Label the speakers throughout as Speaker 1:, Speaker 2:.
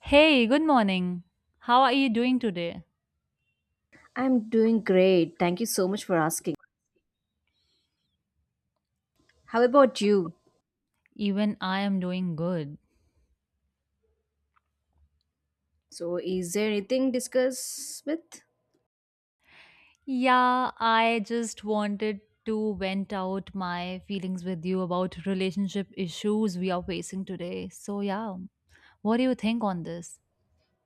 Speaker 1: Hey, good morning. How are you doing today?
Speaker 2: I'm doing great. Thank you so much for asking. How about you?
Speaker 1: Even I am doing good.
Speaker 2: So, is there anything discuss with?
Speaker 1: Yeah, I just wanted to vent out my feelings with you about relationship issues we are facing today. So, yeah, what do you think on this?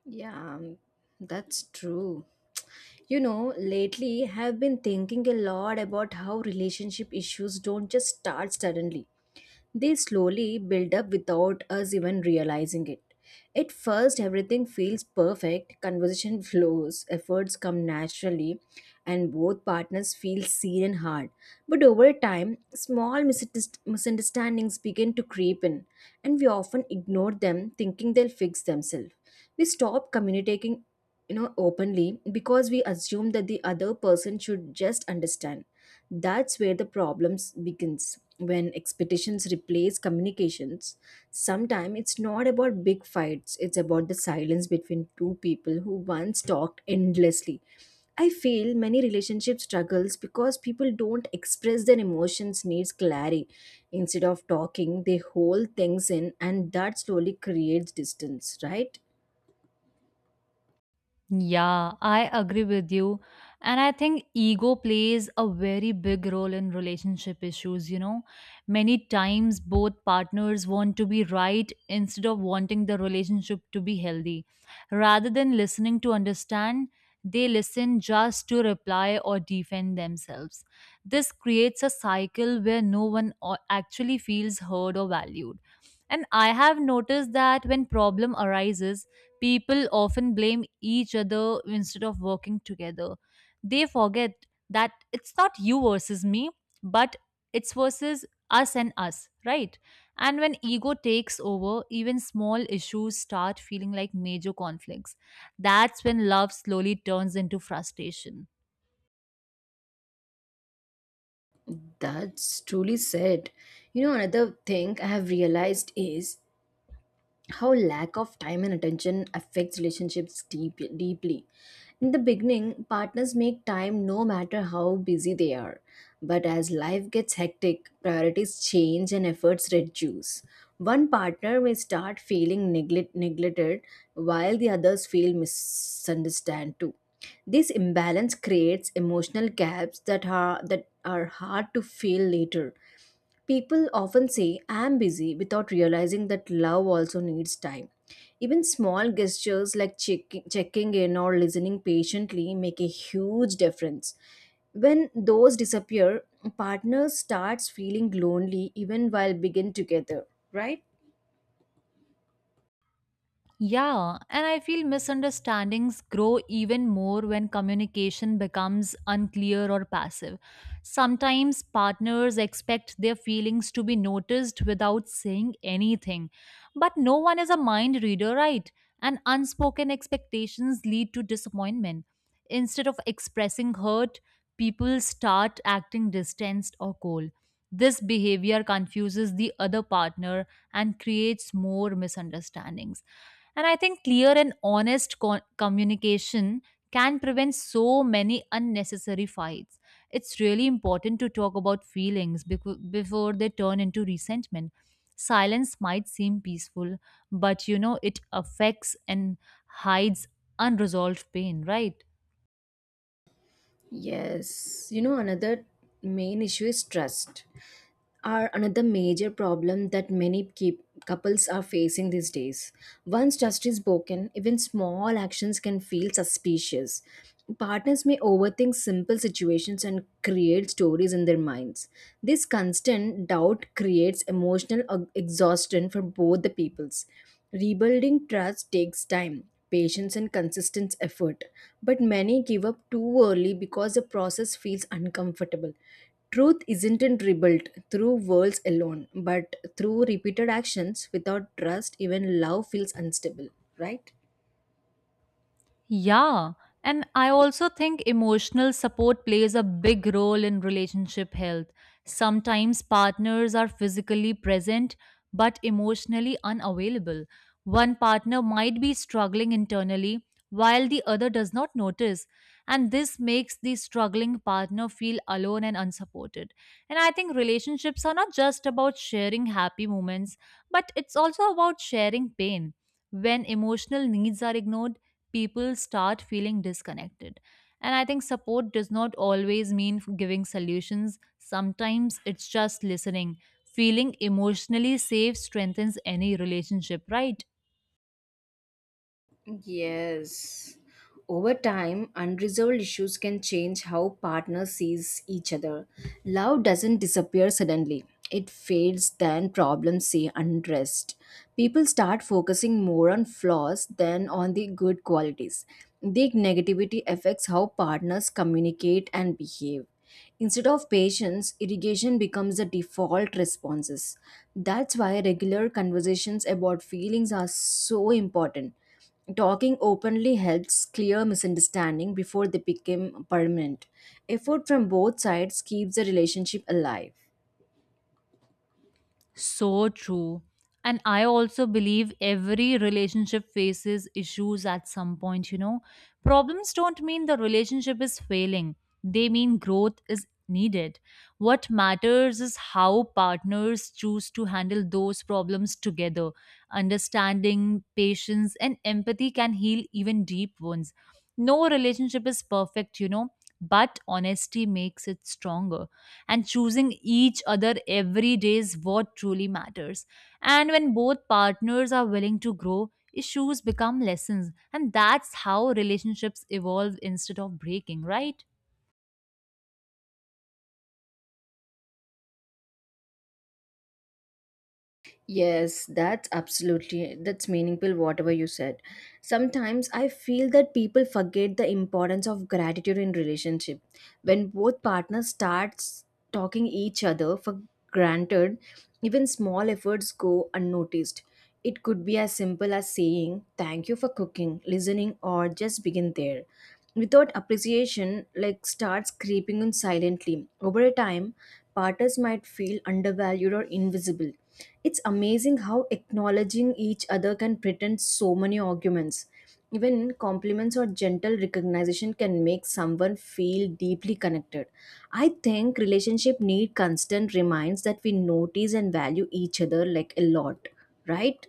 Speaker 2: Yeah, um, that's true. You know, lately I've been thinking a lot about how relationship issues don't just start suddenly. They slowly build up without us even realizing it. At first, everything feels perfect, conversation flows, efforts come naturally, and both partners feel seen and heard. But over time, small misunderstandings begin to creep in, and we often ignore them, thinking they'll fix themselves. We stop communicating openly because we assume that the other person should just understand. That's where the problems begins when expectations replace communications. Sometimes it's not about big fights, it's about the silence between two people who once talked endlessly. I feel many relationship struggles because people don't express their emotions needs clarity. Instead of talking, they hold things in and that slowly creates distance, right?
Speaker 1: Yeah, I agree with you. And I think ego plays a very big role in relationship issues. You know, many times both partners want to be right instead of wanting the relationship to be healthy. Rather than listening to understand, they listen just to reply or defend themselves. This creates a cycle where no one o- actually feels heard or valued. And I have noticed that when problem arises, people often blame each other instead of working together. They forget that it's not you versus me, but it's versus us and us, right? And when ego takes over, even small issues start feeling like major conflicts. That's when love slowly turns into frustration.
Speaker 2: That's truly said. You know, another thing I have realized is how lack of time and attention affects relationships deeply. In the beginning, partners make time no matter how busy they are. But as life gets hectic, priorities change and efforts reduce. One partner may start feeling neglected, while the others feel misunderstood too. This imbalance creates emotional gaps that are hard to fill later. People often say, I am busy, without realizing that love also needs time. Even small gestures like checking in or listening patiently make a huge difference. When those disappear, partners starts feeling lonely even while begin together, right?
Speaker 1: Yeah, and I feel misunderstandings grow even more when communication becomes unclear or passive. Sometimes partners expect their feelings to be noticed without saying anything. But no one is a mind reader, right? And unspoken expectations lead to disappointment. Instead of expressing hurt, people start acting distanced or cold. This behavior confuses the other partner and creates more misunderstandings, and I think clear and honest communication can prevent so many unnecessary fights. It's really important to talk about feelings before they turn into resentment. Silence might seem peaceful, but it affects and hides unresolved pain, right?
Speaker 2: Yes. You know, another main issue is trust. Are another major problem that many keep, couples are facing these days. Once trust is broken, even small actions can feel suspicious. Partners may overthink simple situations and create stories in their minds. This constant doubt creates emotional exhaustion for both the peoples. Rebuilding trust takes time, patience, and consistent effort, but many give up too early because the process feels uncomfortable. Truth isn't rebuilt through words alone, but through repeated actions. Without trust, even love feels unstable, right?
Speaker 1: Yeah. And I also think emotional support plays a big role in relationship health. Sometimes partners are physically present but emotionally unavailable. One partner might be struggling internally while the other does not notice. And this makes the struggling partner feel alone and unsupported. And I think relationships are not just about sharing happy moments, but it's also about sharing pain. When emotional needs are ignored, people start feeling disconnected. And I think support does not always mean giving solutions, sometimes it's just listening. Feeling emotionally safe strengthens any relationship, right?
Speaker 2: Yes. Over time, unresolved issues can change how partners sees each other. Love doesn't disappear suddenly. It fades then problems say unrest. People start focusing more on flaws than on the good qualities. The negativity affects how partners communicate and behave. Instead of patience, irrigation becomes the default responses. That's why regular conversations about feelings are so important. Talking openly helps clear misunderstanding before they become permanent. Effort from both sides keeps the relationship alive.
Speaker 1: So true. And I also believe every relationship faces issues at some point, you know. Problems don't mean the relationship is failing, they mean growth is needed. What matters is how partners choose to handle those problems together. Understanding, patience, and empathy can heal even deep wounds. No relationship is perfect, you know, but honesty makes it stronger and choosing each other every day is what truly matters. And when both partners are willing to grow, issues become lessons, and that's how relationships evolve instead of breaking, right?
Speaker 2: Yes, that's meaningful whatever you said. Sometimes I feel that people forget the importance of gratitude in relationship. When both partners starts talking each other for granted, even small efforts go unnoticed. It could be as simple as saying thank you for cooking, listening, or just begin there. Without appreciation like starts creeping in silently. Over a time, partners might feel undervalued or invisible. It's amazing how acknowledging each other can pretend so many arguments. Even compliments or gentle recognition can make someone feel deeply connected. I think relationship need constant reminds that we notice and value each other like a lot, right?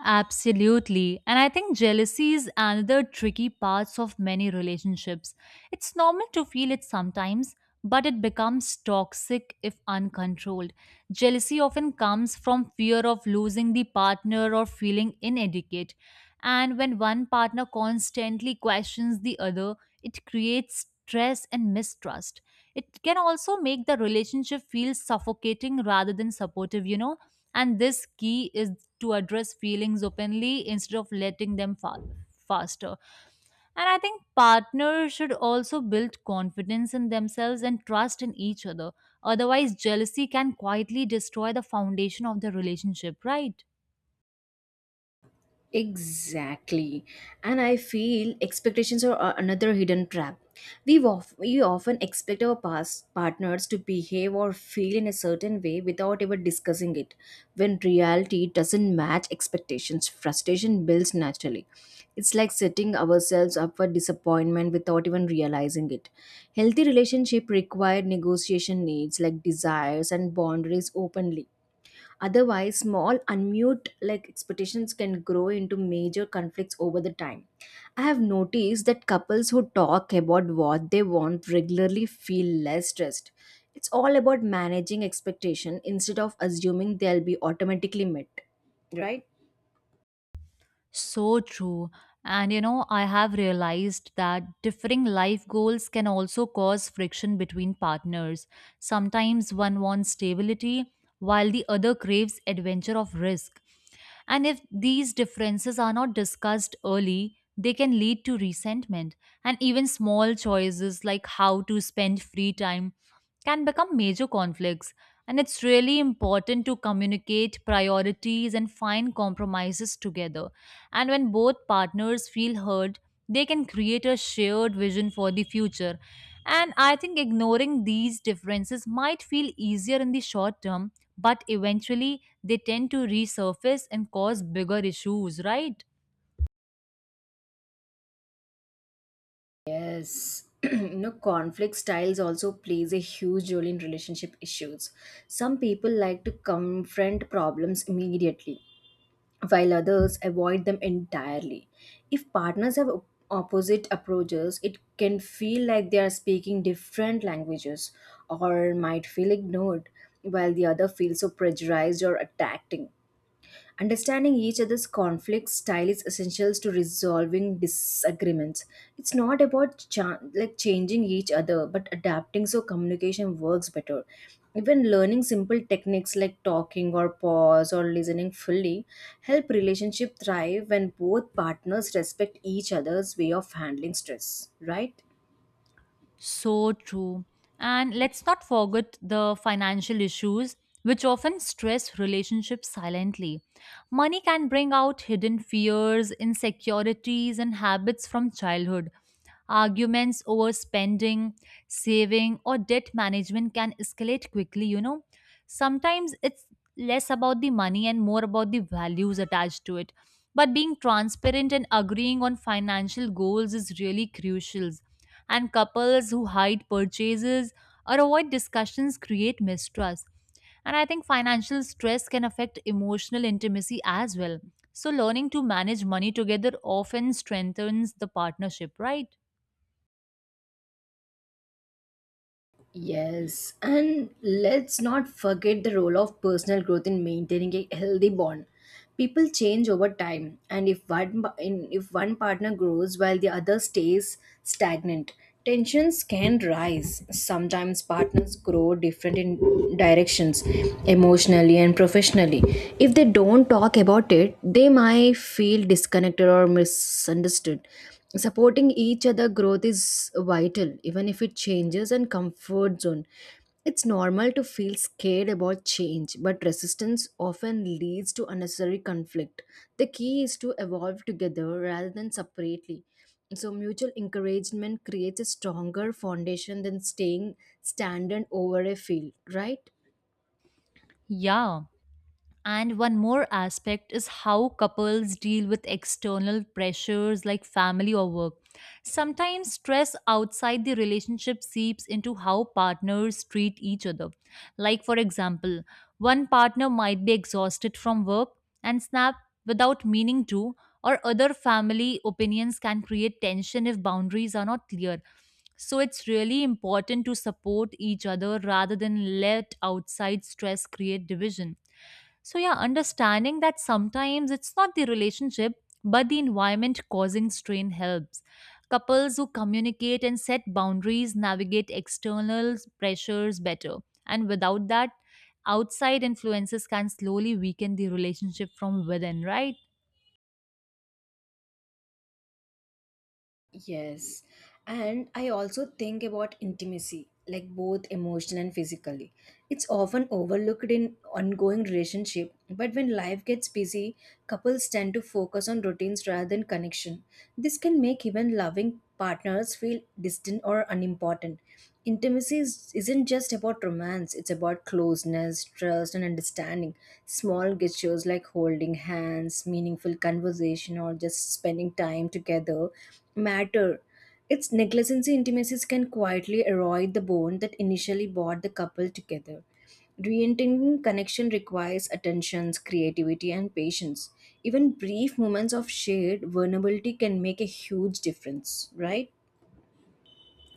Speaker 1: Absolutely. And I think jealousy is another tricky part of many relationships. It's normal to feel it sometimes, but it becomes toxic if uncontrolled. Jealousy often comes from fear of losing the partner or feeling inadequate. And when one partner constantly questions the other, it creates stress and mistrust. It can also make the relationship feel suffocating rather than supportive, you know? And this key is to address feelings openly instead of letting them fall faster. And I think partners should also build confidence in themselves and trust in each other. Otherwise, jealousy can quietly destroy the foundation of the relationship, right?
Speaker 2: Exactly. And I feel expectations are another hidden trap. We often expect our past partners to behave or feel in a certain way without ever discussing it. When reality doesn't match expectations, frustration builds naturally. It's like setting ourselves up for disappointment without even realizing it. Healthy relationship require negotiation needs like desires and boundaries openly. Otherwise, small unmute like expectations can grow into major conflicts over the time. I have noticed that couples who talk about what they want regularly feel less stressed. It's all about managing expectation instead of assuming they'll be automatically met, right?
Speaker 1: So true. And you know, I have realized that differing life goals can also cause friction between partners. Sometimes one wants stability while the other craves adventure of risk. And if these differences are not discussed early, they can lead to resentment. And even small choices like how to spend free time can become major conflicts. And it's really important to communicate priorities and find compromises together. And when both partners feel heard, they can create a shared vision for the future. And I think ignoring these differences might feel easier in the short term, but eventually they tend to resurface and cause bigger issues, right?
Speaker 2: Yes. You know, conflict styles also plays a huge role in relationship issues. Some people like to confront problems immediately while others avoid them entirely. If partners have opposite approaches, it can feel like they are speaking different languages, or might feel ignored, while the other feels so pressurized or attacking. Understanding each other's conflict style is essential to resolving disagreements. It's not about changing each other, but adapting so communication works better. Even learning simple techniques like talking or pause or listening fully help relationship thrive when both partners respect each other's way of handling stress, right?
Speaker 1: So true. And let's not forget the financial issues, which often stress relationships silently. Money can bring out hidden fears, insecurities, and habits from childhood. Arguments over spending, saving, or debt management can escalate quickly, you know. Sometimes it's less about the money and more about the values attached to it. But being transparent and agreeing on financial goals is really crucial. And couples who hide purchases or avoid discussions create mistrust. And I think financial stress can affect emotional intimacy as well. So, learning to manage money together often strengthens the partnership, right?
Speaker 2: Yes, and let's not forget the role of personal growth in maintaining a healthy bond. People change over time, and if one partner grows while the other stays stagnant, tensions can rise. Sometimes partners grow different in directions, emotionally and professionally. If they don't talk about it, they might feel disconnected or misunderstood. Supporting each other growth is vital, even if it changes and comfort zone. It's normal to feel scared about change, but resistance often leads to unnecessary conflict. The key is to evolve together rather than separately. So mutual encouragement creates a stronger foundation than staying standard over a field, right?
Speaker 1: Yeah. And one more aspect is how couples deal with external pressures like family or work. Sometimes stress outside the relationship seeps into how partners treat each other. Like, for example, one partner might be exhausted from work and snap without meaning to, or other family opinions can create tension if boundaries are not clear. So, it's really important to support each other rather than let outside stress create division. So, yeah, understanding that sometimes it's not the relationship, but the environment causing strain helps. Couples who communicate and set boundaries navigate external pressures better. And without that, outside influences can slowly weaken the relationship from within, right?
Speaker 2: Yes. And I also think about intimacy, like both emotional and physically. It's often overlooked in ongoing relationship, but when life gets busy, couples tend to focus on routines rather than connection. This can make even loving partners feel distant or unimportant. Isn't just about romance, it's about closeness, trust, and understanding. Small gestures like holding hands, meaningful conversation, or just spending time together matter. Its negligence intimacies can quietly erode the bond that initially brought the couple together. Reentering connection requires attentions, creativity, and patience. Even brief moments of shared vulnerability can make a huge difference, right?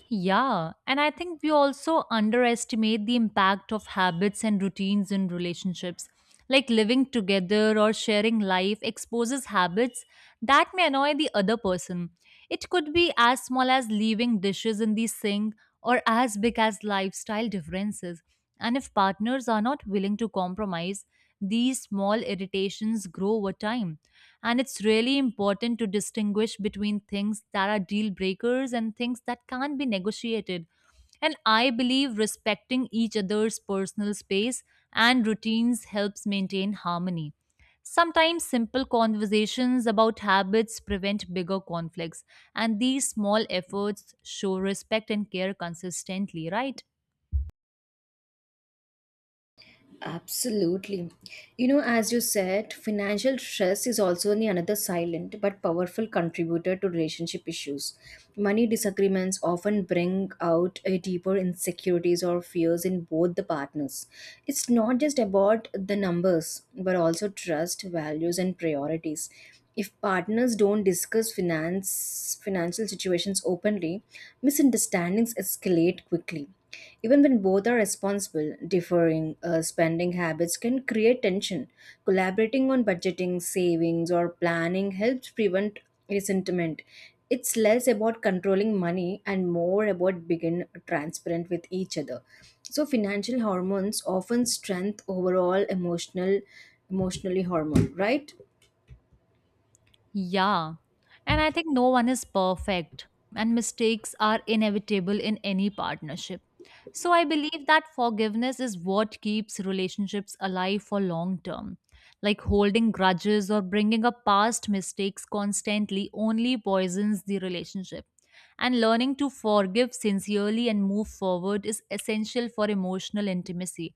Speaker 1: Yeah, and I think we also underestimate the impact of habits and routines in relationships. Like living together or sharing life exposes habits that may annoy the other person. It could be as small as leaving dishes in the sink or as big as lifestyle differences. And if partners are not willing to compromise, these small irritations grow over time. And it's really important to distinguish between things that are deal breakers and things that can't be negotiated. And I believe respecting each other's personal space and routines helps maintain harmony. Sometimes simple conversations about habits prevent bigger conflicts, and these small efforts show respect and care consistently, right?
Speaker 2: Absolutely. You know, as you said, financial stress is also the another silent but powerful contributor to relationship issues. Money disagreements often bring out a deeper insecurities or fears in both the partners. It's not just about the numbers, but also trust, values, and priorities. If partners don't discuss finance financial situations openly, misunderstandings escalate quickly. Even when both are responsible, differing spending habits can create tension. Collaborating on budgeting, savings, or planning helps prevent resentment. It's less about controlling money and more about being transparent with each other. So financial hormones often strengthen overall emotionally hormone, right?
Speaker 1: Yeah. And I think no one is perfect, and mistakes are inevitable in any partnership. So I believe that forgiveness is what keeps relationships alive for long term. Like holding grudges or bringing up past mistakes constantly only poisons the relationship. And learning to forgive sincerely and move forward is essential for emotional intimacy.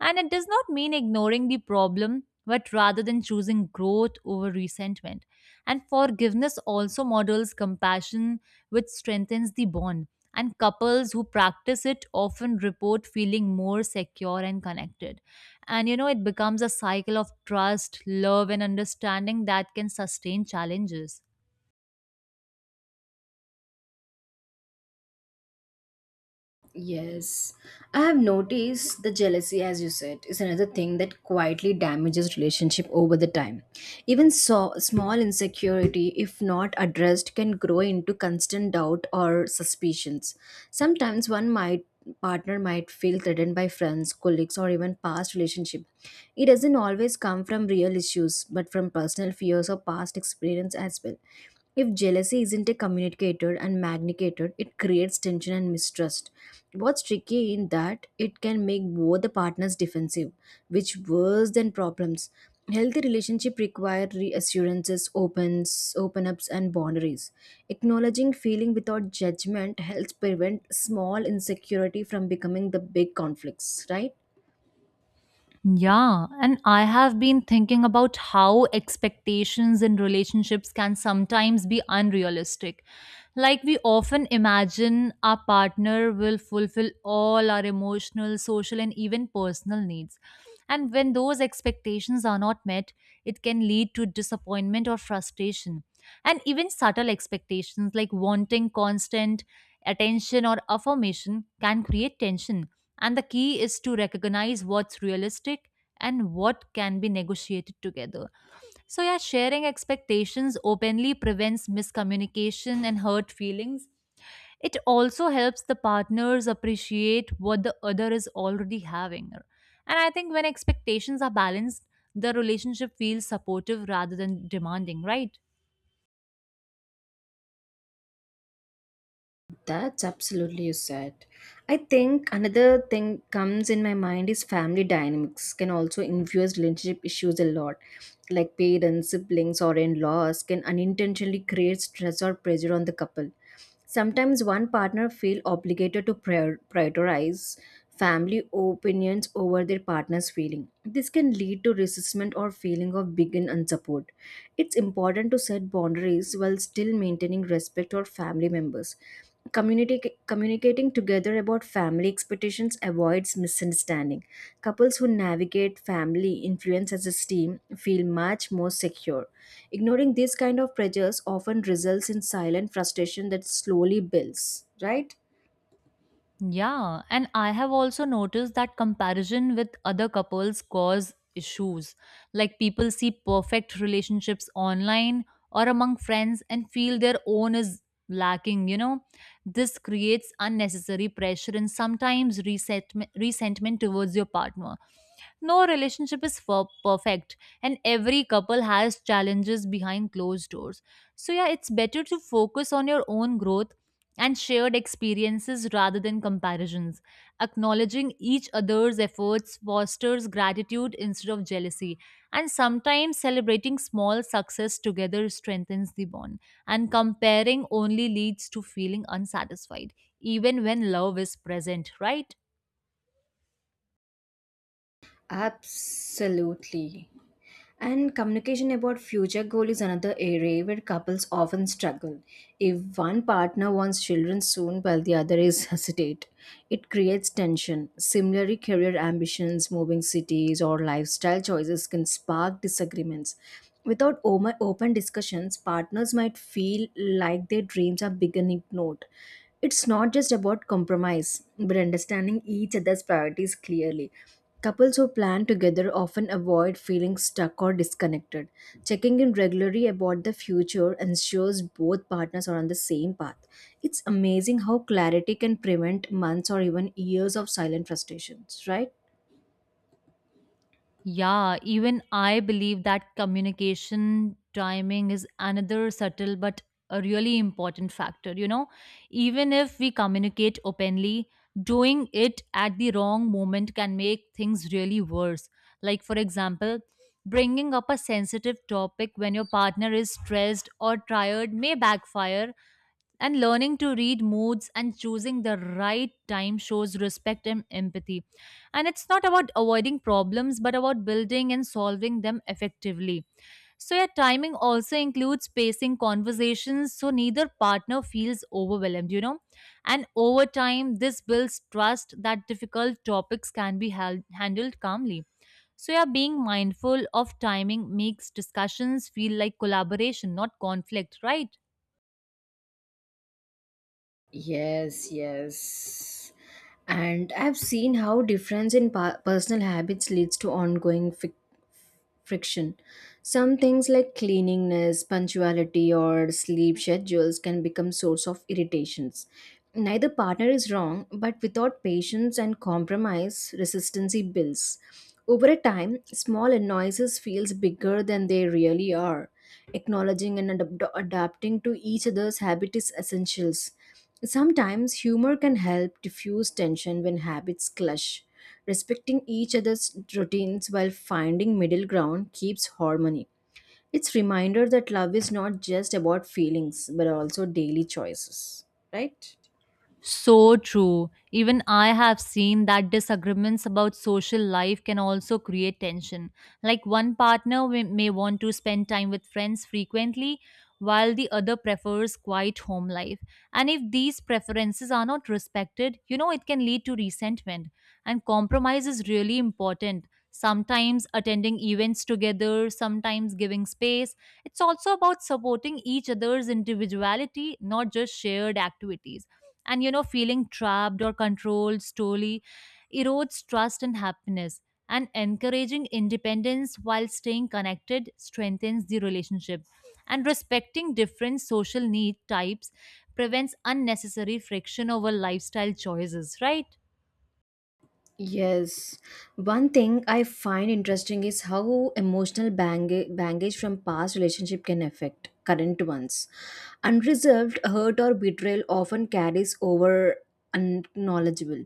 Speaker 1: And it does not mean ignoring the problem, but rather than choosing growth over resentment. And forgiveness also models compassion, which strengthens the bond. And couples who practice it often report feeling more secure and connected. And you know, it becomes a cycle of trust, love, and understanding that can sustain challenges.
Speaker 2: Yes, I have noticed the jealousy, as you said, is another thing that quietly damages relationship over the time. Even so, small insecurity, if not addressed, can grow into constant doubt or suspicions. Sometimes one might partner might feel threatened by friends, colleagues, or even past relationship. It doesn't always come from real issues, but from personal fears or past experience as well. If jealousy isn't communicated and magnified, it creates tension and mistrust. What's tricky in that it can make both the partners defensive, which worse than problems. Healthy relationship require reassurances, opens, open ups, and boundaries. Acknowledging feeling without judgment helps prevent small insecurity from becoming the big conflicts, right?
Speaker 1: Yeah, and I have been thinking about how expectations in relationships can sometimes be unrealistic. Like, we often imagine our partner will fulfill all our emotional, social, and even personal needs. And when those expectations are not met, it can lead to disappointment or frustration. And even subtle expectations like wanting constant attention or affirmation can create tension, and the key is to recognize what's realistic and what can be negotiated together. So, yeah, sharing expectations openly prevents miscommunication and hurt feelings. It also helps the partners appreciate what the other is already having. And I think when expectations are balanced, the relationship feels supportive rather than demanding, right?
Speaker 2: That's absolutely you said. I think another thing comes in my mind is family dynamics can also influence relationship issues a lot. Like parents, siblings, or in laws can unintentionally create stress or pressure on the couple. Sometimes one partner feel obligated to prioritize family opinions over their partner's feeling. This can lead to resentment or feeling of begin unsupport. It's important to set boundaries while still maintaining respect for family members. Communicating together about family expectations avoids misunderstanding. Couples who navigate family influence as a team feel much more secure. Ignoring these kind of pressures often results in silent frustration that slowly builds, right?
Speaker 1: Yeah, and I have also noticed that comparison with other couples cause issues. Like people see perfect relationships online or among friends and feel their own is lacking, you know. This creates unnecessary pressure and sometimes resentment towards your partner. No relationship is for perfect, and every couple has challenges behind closed doors. So, yeah, it's better to focus on your own growth and shared experiences rather than comparisons. Acknowledging each other's efforts fosters gratitude instead of jealousy, and sometimes celebrating small success together strengthens the bond. And comparing only leads to feeling unsatisfied, even when love is present, right?
Speaker 2: Absolutely. And communication about future goal is another area where couples often struggle. If one partner wants children soon while the other is hesitate, it creates tension. Similarly, career ambitions, moving cities, or lifestyle choices can spark disagreements. Without open discussions, partners might feel like their dreams are being ignored. It's not just about compromise, but understanding each other's priorities clearly. Couples who plan together often avoid feeling stuck or disconnected. Checking in regularly about the future ensures both partners are on the same path. It's amazing how clarity can prevent months or even years of silent frustrations, right?
Speaker 1: Yeah, even I believe that communication timing is another subtle but a really important factor. You know, even if we communicate openly, doing it at the wrong moment can make things really worse. Like, for example, bringing up a sensitive topic when your partner is stressed or tired may backfire, and learning to read moods and choosing the right time shows respect and empathy. And it's not about avoiding problems, but about building and solving them effectively. So, yeah, timing also includes pacing conversations so neither partner feels overwhelmed, you know. And over time, this builds trust that difficult topics can be handled calmly. So, yeah, being mindful of timing makes discussions feel like collaboration, not conflict, right?
Speaker 2: Yes. And I've seen how difference in personal habits leads to ongoing friction. Some things like cleanliness, punctuality, or sleep schedules can become source of irritations. Neither partner is wrong, but without patience and compromise, resistance builds. Over a time, small annoyances feels bigger than they really are. Acknowledging and adapting to each other's habit is essentials. Sometimes humor can help diffuse tension when habits clash. Respecting each other's routines while finding middle ground keeps harmony. It's reminder that love is not just about feelings but also daily choices.
Speaker 1: So true. Even I have seen that disagreements about social life can also create tension. Like one partner may want to spend time with friends frequently, while the other prefers quiet home life. And if these preferences are not respected, you know, it can lead to resentment. And compromise is really important. Sometimes attending events together, sometimes giving space. It's also about supporting each other's individuality, not just shared activities. And you know, feeling trapped or controlled slowly erodes trust and happiness. And encouraging independence while staying connected strengthens the relationship. And respecting different social need types prevents unnecessary friction over lifestyle choices, right?
Speaker 2: Yes. One thing I find interesting is how emotional baggage from past relationship can affect current ones. Unresolved hurt or betrayal often carries over unacknowledgeable.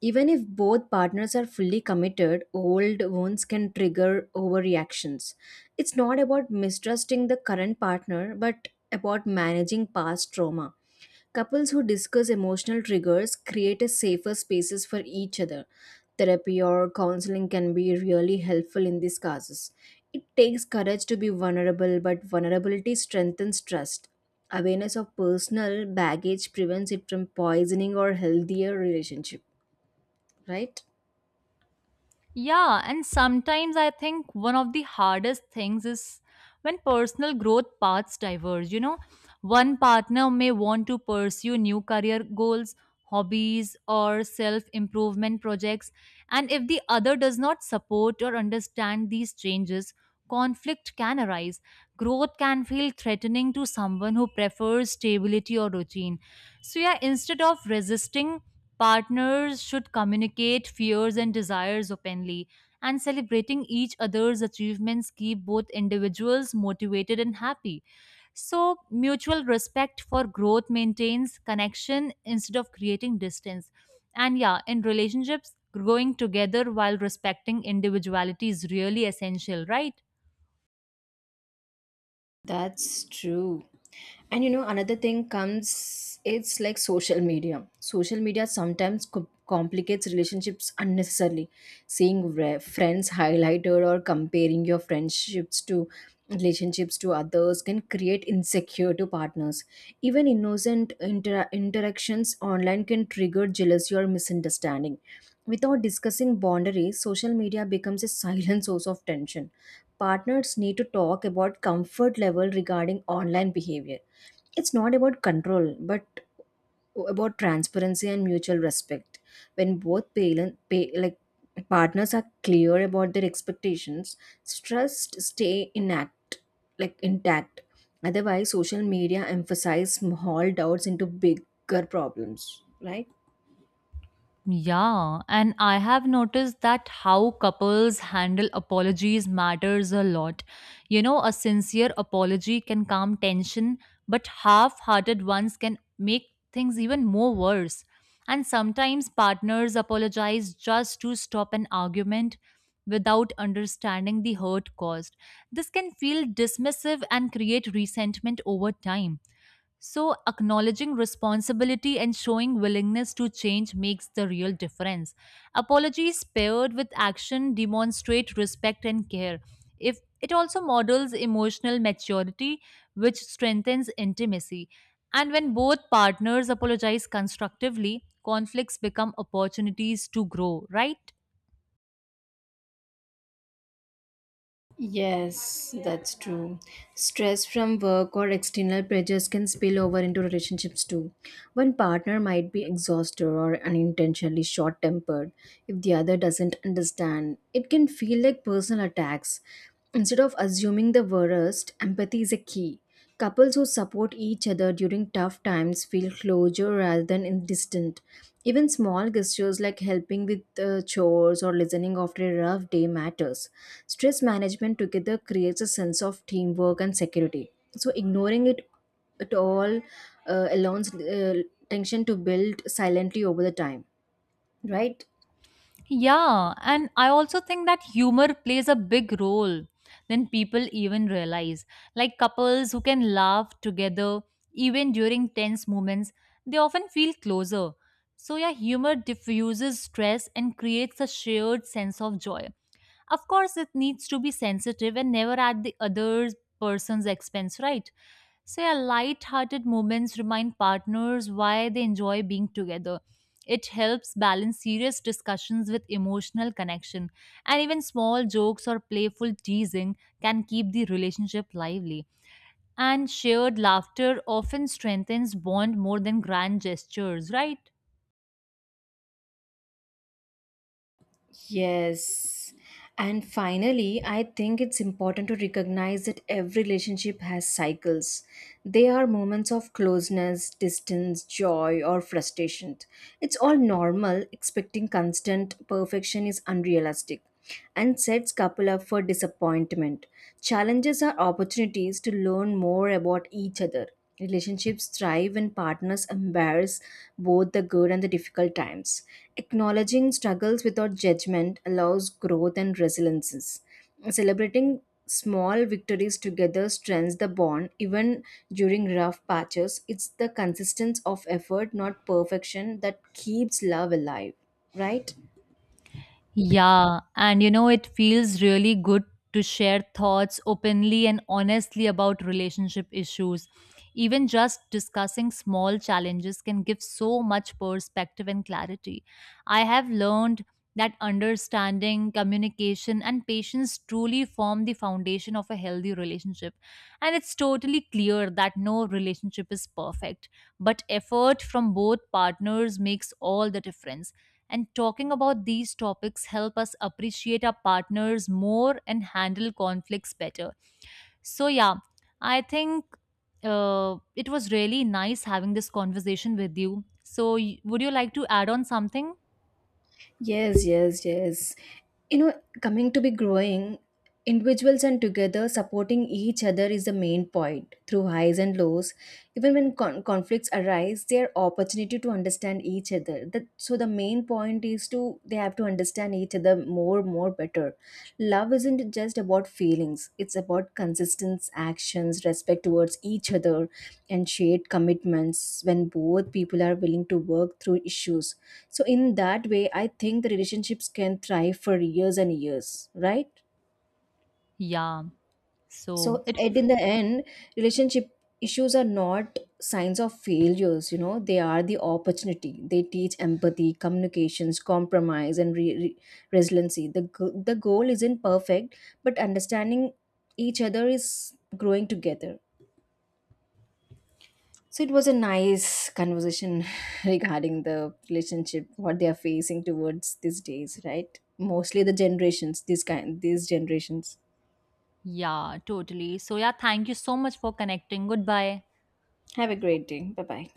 Speaker 2: Even if both partners are fully committed, old wounds can trigger overreactions. It's not about mistrusting the current partner, but about managing past trauma. Couples who discuss emotional triggers create a safer spaces for each other. Therapy or counseling can be really helpful in these cases. It takes courage to be vulnerable, but vulnerability strengthens trust. Awareness of personal baggage prevents it from poisoning or healthier relationship, right?
Speaker 1: Yeah, and sometimes I think one of the hardest things is when personal growth paths diverge. You know, one partner may want to pursue new career goals, hobbies, or self improvement projects, and if the other does not support or understand these changes, conflict can arise. Growth can feel threatening to someone who prefers stability or routine. So, yeah, instead of resisting, partners should communicate fears and desires openly, and celebrating each other's achievements keep both individuals motivated and happy. So, mutual respect for growth maintains connection instead of creating distance. And yeah, in relationships, growing together while respecting individuality is really essential, right?
Speaker 2: That's true. And you know, another thing comes, it's like social media. Social media sometimes complicates relationships unnecessarily. Seeing friends highlighted or comparing your friendships to relationships to others can create insecure to partners. Even innocent interactions online can trigger jealousy or misunderstanding. Without discussing boundaries, social media becomes a silent source of tension. Partners need to talk about comfort level regarding online behavior. It's not about control, but about transparency and mutual respect. When both parent, pay, like partners are clear about their expectations, stress stay inact, like intact. Otherwise, social media emphasize small doubts into bigger problems, right?
Speaker 1: Yeah, and I have noticed that how couples handle apologies matters a lot. You know, a sincere apology can calm tension, but half hearted ones can make things even more worse. And sometimes partners apologize just to stop an argument without understanding the hurt caused. This can feel dismissive and create resentment over time. So, acknowledging responsibility and showing willingness to change makes the real difference. Apologies paired with action demonstrate respect and care. If it also models emotional maturity, which strengthens intimacy. And when both partners apologize constructively, conflicts become opportunities to grow, right?
Speaker 2: Yes, that's true. Stress from work or external pressures can spill over into relationships too. One partner might be exhausted or unintentionally short tempered. If the other doesn't understand, it can feel like personal attacks. Instead of assuming the worst, empathy is a key. Couples who support each other during tough times feel closure rather than in distant. Even small gestures like helping with chores or listening after a rough day matters. Stress management together creates a sense of teamwork and security. So ignoring it at all allows tension to build silently over the time, right?
Speaker 1: Yeah, and I also think that humor plays a big role than people even realize. Like couples who can laugh together even during tense moments, they often feel closer. So, yeah, humor diffuses stress and creates a shared sense of joy. Of course, it needs to be sensitive and never at the other person's expense, right? So, yeah, light-hearted moments remind partners why they enjoy being together. It helps balance serious discussions with emotional connection, and even small jokes or playful teasing can keep the relationship lively. And shared laughter often strengthens bond more than grand gestures, right?
Speaker 2: Yes. And finally, I think it's important to recognize that every relationship has cycles. They are moments of closeness, distance, joy, or frustration. It's all normal. Expecting constant perfection is unrealistic and sets couple up for disappointment. Challenges are opportunities to learn more about each other. Relationships thrive when partners embrace both the good and the difficult times. Acknowledging struggles without judgment allows growth and resiliences. Celebrating small victories together strengthens the bond even during rough patches. It's the consistency of effort, not perfection, that keeps love alive, right?
Speaker 1: Yeah, and you know, it feels really good to share thoughts openly and honestly about relationship issues. Even just discussing small challenges can give so much perspective and clarity. I have learned that understanding, communication, and patience truly form the foundation of a healthy relationship. And it's totally clear that no relationship is perfect, but effort from both partners makes all the difference, and talking about these topics help us appreciate our partners more and handle conflicts better. So yeah, I think it was really nice having this conversation with you. So would you like to add on something?
Speaker 2: Yes. You know, coming to be growing, individuals and together supporting each other is the main point. Through highs and lows, even when conflicts arise, they are opportunity to understand each other. That, so the main point is to they have to understand each other more better. Love isn't just about feelings, it's about consistent actions, respect towards each other, and shared commitments. When both people are willing to work through issues, so in that way I think the relationships can thrive for years and years, right?
Speaker 1: Yeah,
Speaker 2: So
Speaker 1: so it
Speaker 2: at in the end, relationship issues are not signs of failures, you know, they are the opportunity. They teach empathy, communications, compromise, and resiliency. The goal isn't perfect, but understanding each other is growing together. So it was a nice conversation regarding the relationship what they are facing towards these days, right? Mostly the generations these kind these generations.
Speaker 1: yeah totally. So yeah, thank you so much for connecting. Goodbye.
Speaker 2: Have a great day. Bye bye.